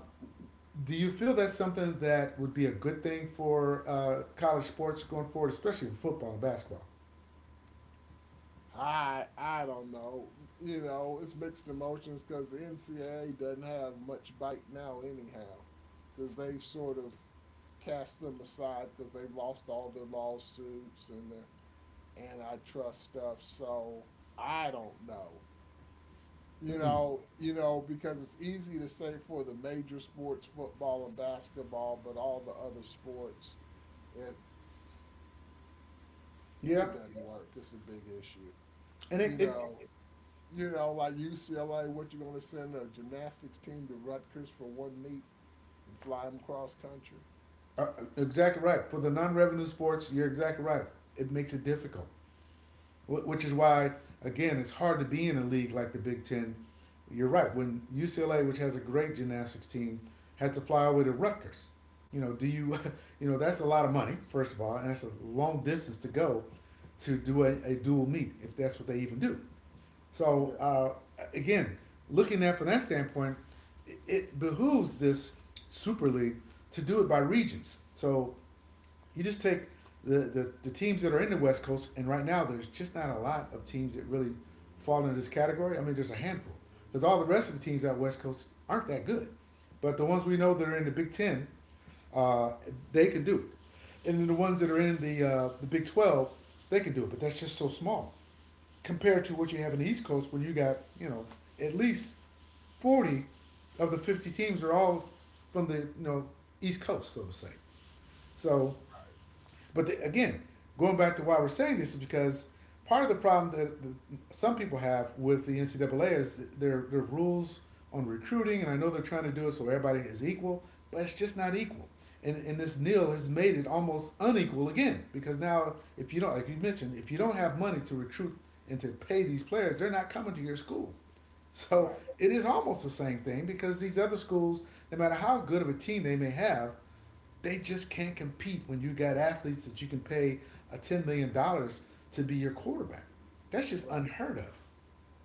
do you feel that's something that would be a good thing for college sports going forward, especially in football and basketball?
I don't know. You know, it's mixed emotions because the NCAA doesn't have much bite now anyhow, because they've sort of cast them aside because they've lost all their lawsuits and their antitrust stuff. So I don't know.
Mm,
Because it's easy to say for the major sports, football and basketball, but all the other sports, it
yeah,
it doesn't work. It's a big issue.
and it,
You
it
know, like UCLA, what you gonna send a gymnastics team to Rutgers for one meet and fly them cross country?
uh, exactly right for the non-revenue sports. You're exactly right. It makes it difficult. Which is why, again, it's hard to be in a league like the Big Ten. You're right. When UCLA, which has a great gymnastics team, has to fly away to Rutgers, you know, <laughs> you know, that's a lot of money, first of all, and that's a long distance to go to do a, dual meet, if that's what they even do. So,
Yeah,
uh, again, looking at from that standpoint, it behooves this Super League to do it by regions. So you just take the, the teams that are in the West Coast, and right now there's just not a lot of teams that really fall into this category. I mean, there's a handful because all the rest of the teams out West Coast aren't that good, but the ones we know that are in the Big Ten, uh, they can do it, and then the ones that are in the the Big 12, they can do it, but that's just so small compared to what you have in the East Coast when you got, you know, at least 40 of the 50 teams are all from the, you know, East Coast, so to say. So, again, going back to why we're saying this is because part of the problem that some people have with the NCAA is their rules on recruiting, and I know they're trying to do it so everybody is equal, but it's just not equal. And this nil has made it almost unequal again because now if you don't, like you mentioned, if you don't have money to recruit and to pay these players, they're not coming to your school. So
right,
it is almost the same thing because these other schools, no matter how good of a team they may have, they just can't compete when you got athletes that you can pay a $10 million to be your quarterback. That's just
right.
unheard of.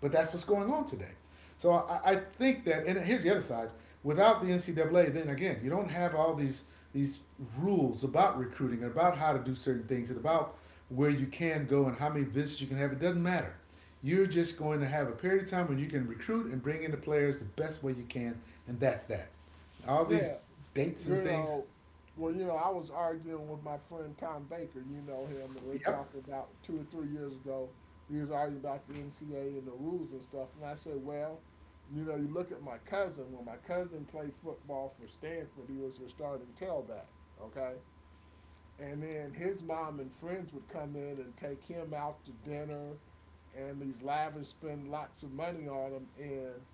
But that's what's going on today. So I think that, and here's the other side. Without the NCAA, then again, you don't have all these these rules about recruiting and about how to do certain things and about where you can go and how many visits you can have. It doesn't matter. You're just going to have a period of time when you can recruit and bring in the players the best way you can, and that's that. All these
Yeah.
dates and
You
things.
know, I was arguing with my friend Tom Baker, and we are
Yep.
talking about 2 or 3 years ago, we was arguing about the NCAA and the rules and stuff, and I said, well, you look at my cousin. When my cousin played football for Stanford, he was their starting tailback, okay? And then his mom and friends would come in and take him out to dinner and these lavish spend lots of money on him. And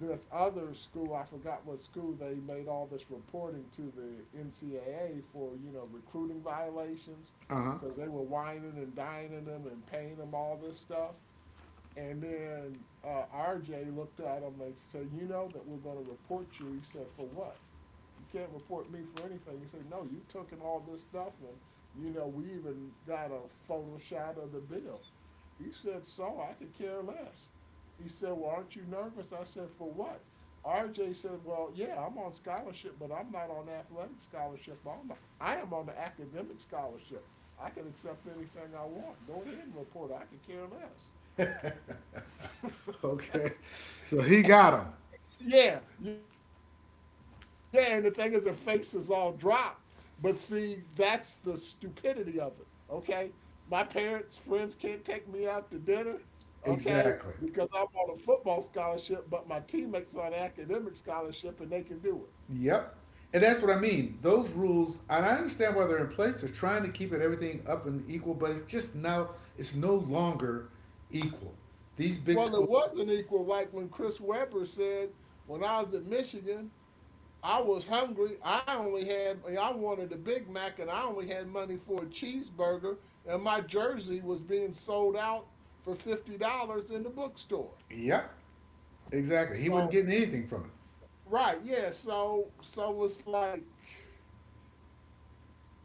this other school, I forgot what school, they made all this reporting to the NCAA for, recruiting violations
Uh huh.
because they were whining and dining them and paying them all this stuff. And then RJ looked at him. And they said, "You know that we're going to report you." He said, "For what? You can't report me for anything." He said, "No, you took in all this stuff, and, you know, we even got a photo shot of the bill." He said, "So I could care less." He said, "Well, aren't you nervous?" I said, "For what?" RJ said, "Well, yeah, I'm on scholarship, but I'm not on athletic scholarship. I'm I am on the academic scholarship. I can accept anything I want. Go ahead and report. I could care less."
Okay. <laughs> So he got him.
Yeah, yeah, and the thing is, their faces all dropped. But see, that's the stupidity of it. Okay, my parents, friends can't take me out to dinner. Okay, because
Exactly.
I'm on a football scholarship, but my teammates are on an academic scholarship, and they can do it.
Yep. And that's what I mean. Those rules, and I understand why they're in place. They're trying to keep it everything up and equal, but it's just now it's no longer equal. These big
Well,
schools.
it wasn't equal. Like when Chris Webber said, when I was at Michigan, I was hungry. I only had I wanted a Big Mac and I only had money for a cheeseburger, and my jersey was being sold out for $50 in the bookstore.
Yep. Exactly. He wasn't
So
getting anything from it.
right, yeah. So it's like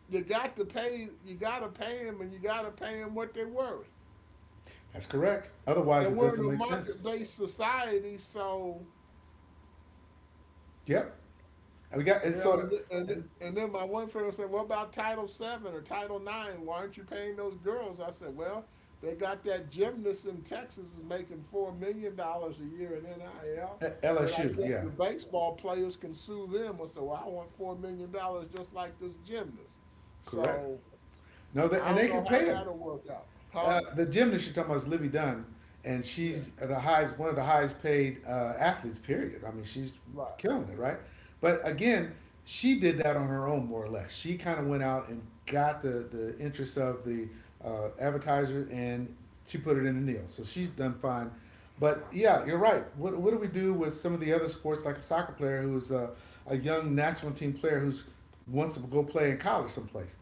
you gotta pay them and you gotta pay them what they're worth.
That's correct. Otherwise,
And
it
we're in
doesn't
a
make
market
sense.
based society. So
Yep. And we got, and so,
yeah,
and,
and then my one friend said, "What about Title 7 or Title 9? Why aren't you paying those girls?" I said, "Well, they got that gymnast in Texas is making $4 million a year in NIL.
and
Then I
LSU.
guess
Yeah.
the baseball players can sue them." I said, "Well, I want $4 million just like this gymnast."
Correct.
So
No, they,
I
and
don't
they
know
could
how
pay him.
that'll work out, huh?
The gymnast you're talking about is Livy Dunn, and
Yeah,
she's the highest, one of the highest paid athletes. Period. I mean, she's
right,
killing it, right? But again, she did that on her own, more or less. She kind of went out and got the interest of the advertiser, and she put it in the deal. So she's done fine. But yeah, you're right. What do we do with some of the other sports, like a soccer player who's a young national team player who's wants to go play in college someplace?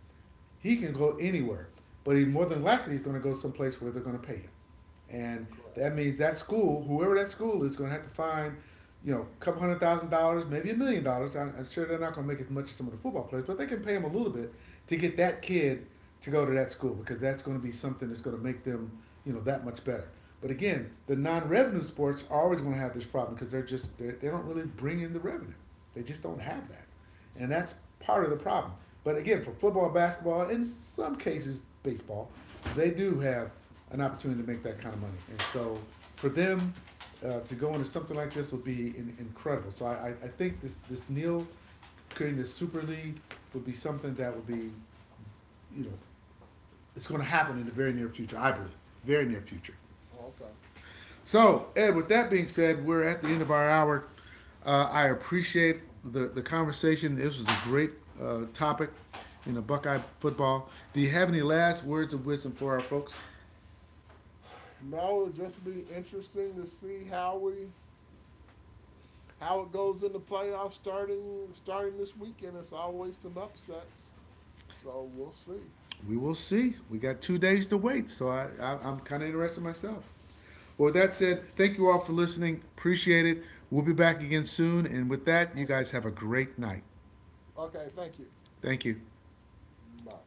He can go anywhere, but he more than likely is going to go someplace where they're going to pay him, and
correct,
that means that school, whoever that school is, going to have to find, you know, a couple $100,000, maybe $1 million. I'm sure they're not going to make as much as some of the football players, but they can pay him a little bit to get that kid to go to that school because that's going to be something that's going to make them, you know, that much better. But again, the non-revenue sports are always going to have this problem because they don't really bring in the revenue. They just don't
right,
have that. And that's part of the problem. But again, for football, basketball, and in some cases baseball, they do have an opportunity to make that kind of money. And so for them to go into something like this would be incredible. So I think this, this Neil creating this Super League would be something that would be, you know, it's going to happen in the very near future, I believe. Very near future.
okay.
So, Ed, with that being said, we're at the end of our hour. I appreciate the conversation. This was a great topic in a Buckeye football. Do you have any last words of wisdom for our folks?
No, it'll just be interesting to see how we, how it goes in the playoffs, starting this weekend. It's always some upsets. So we'll see.
We will see. We got 2 days to wait, so I'm kind of interested myself. Well, with that
Right.
said, thank you all for listening. Appreciate it. We'll be back again soon. And with that, you guys have a great night.
Okay, thank you.
Thank you.
Bye.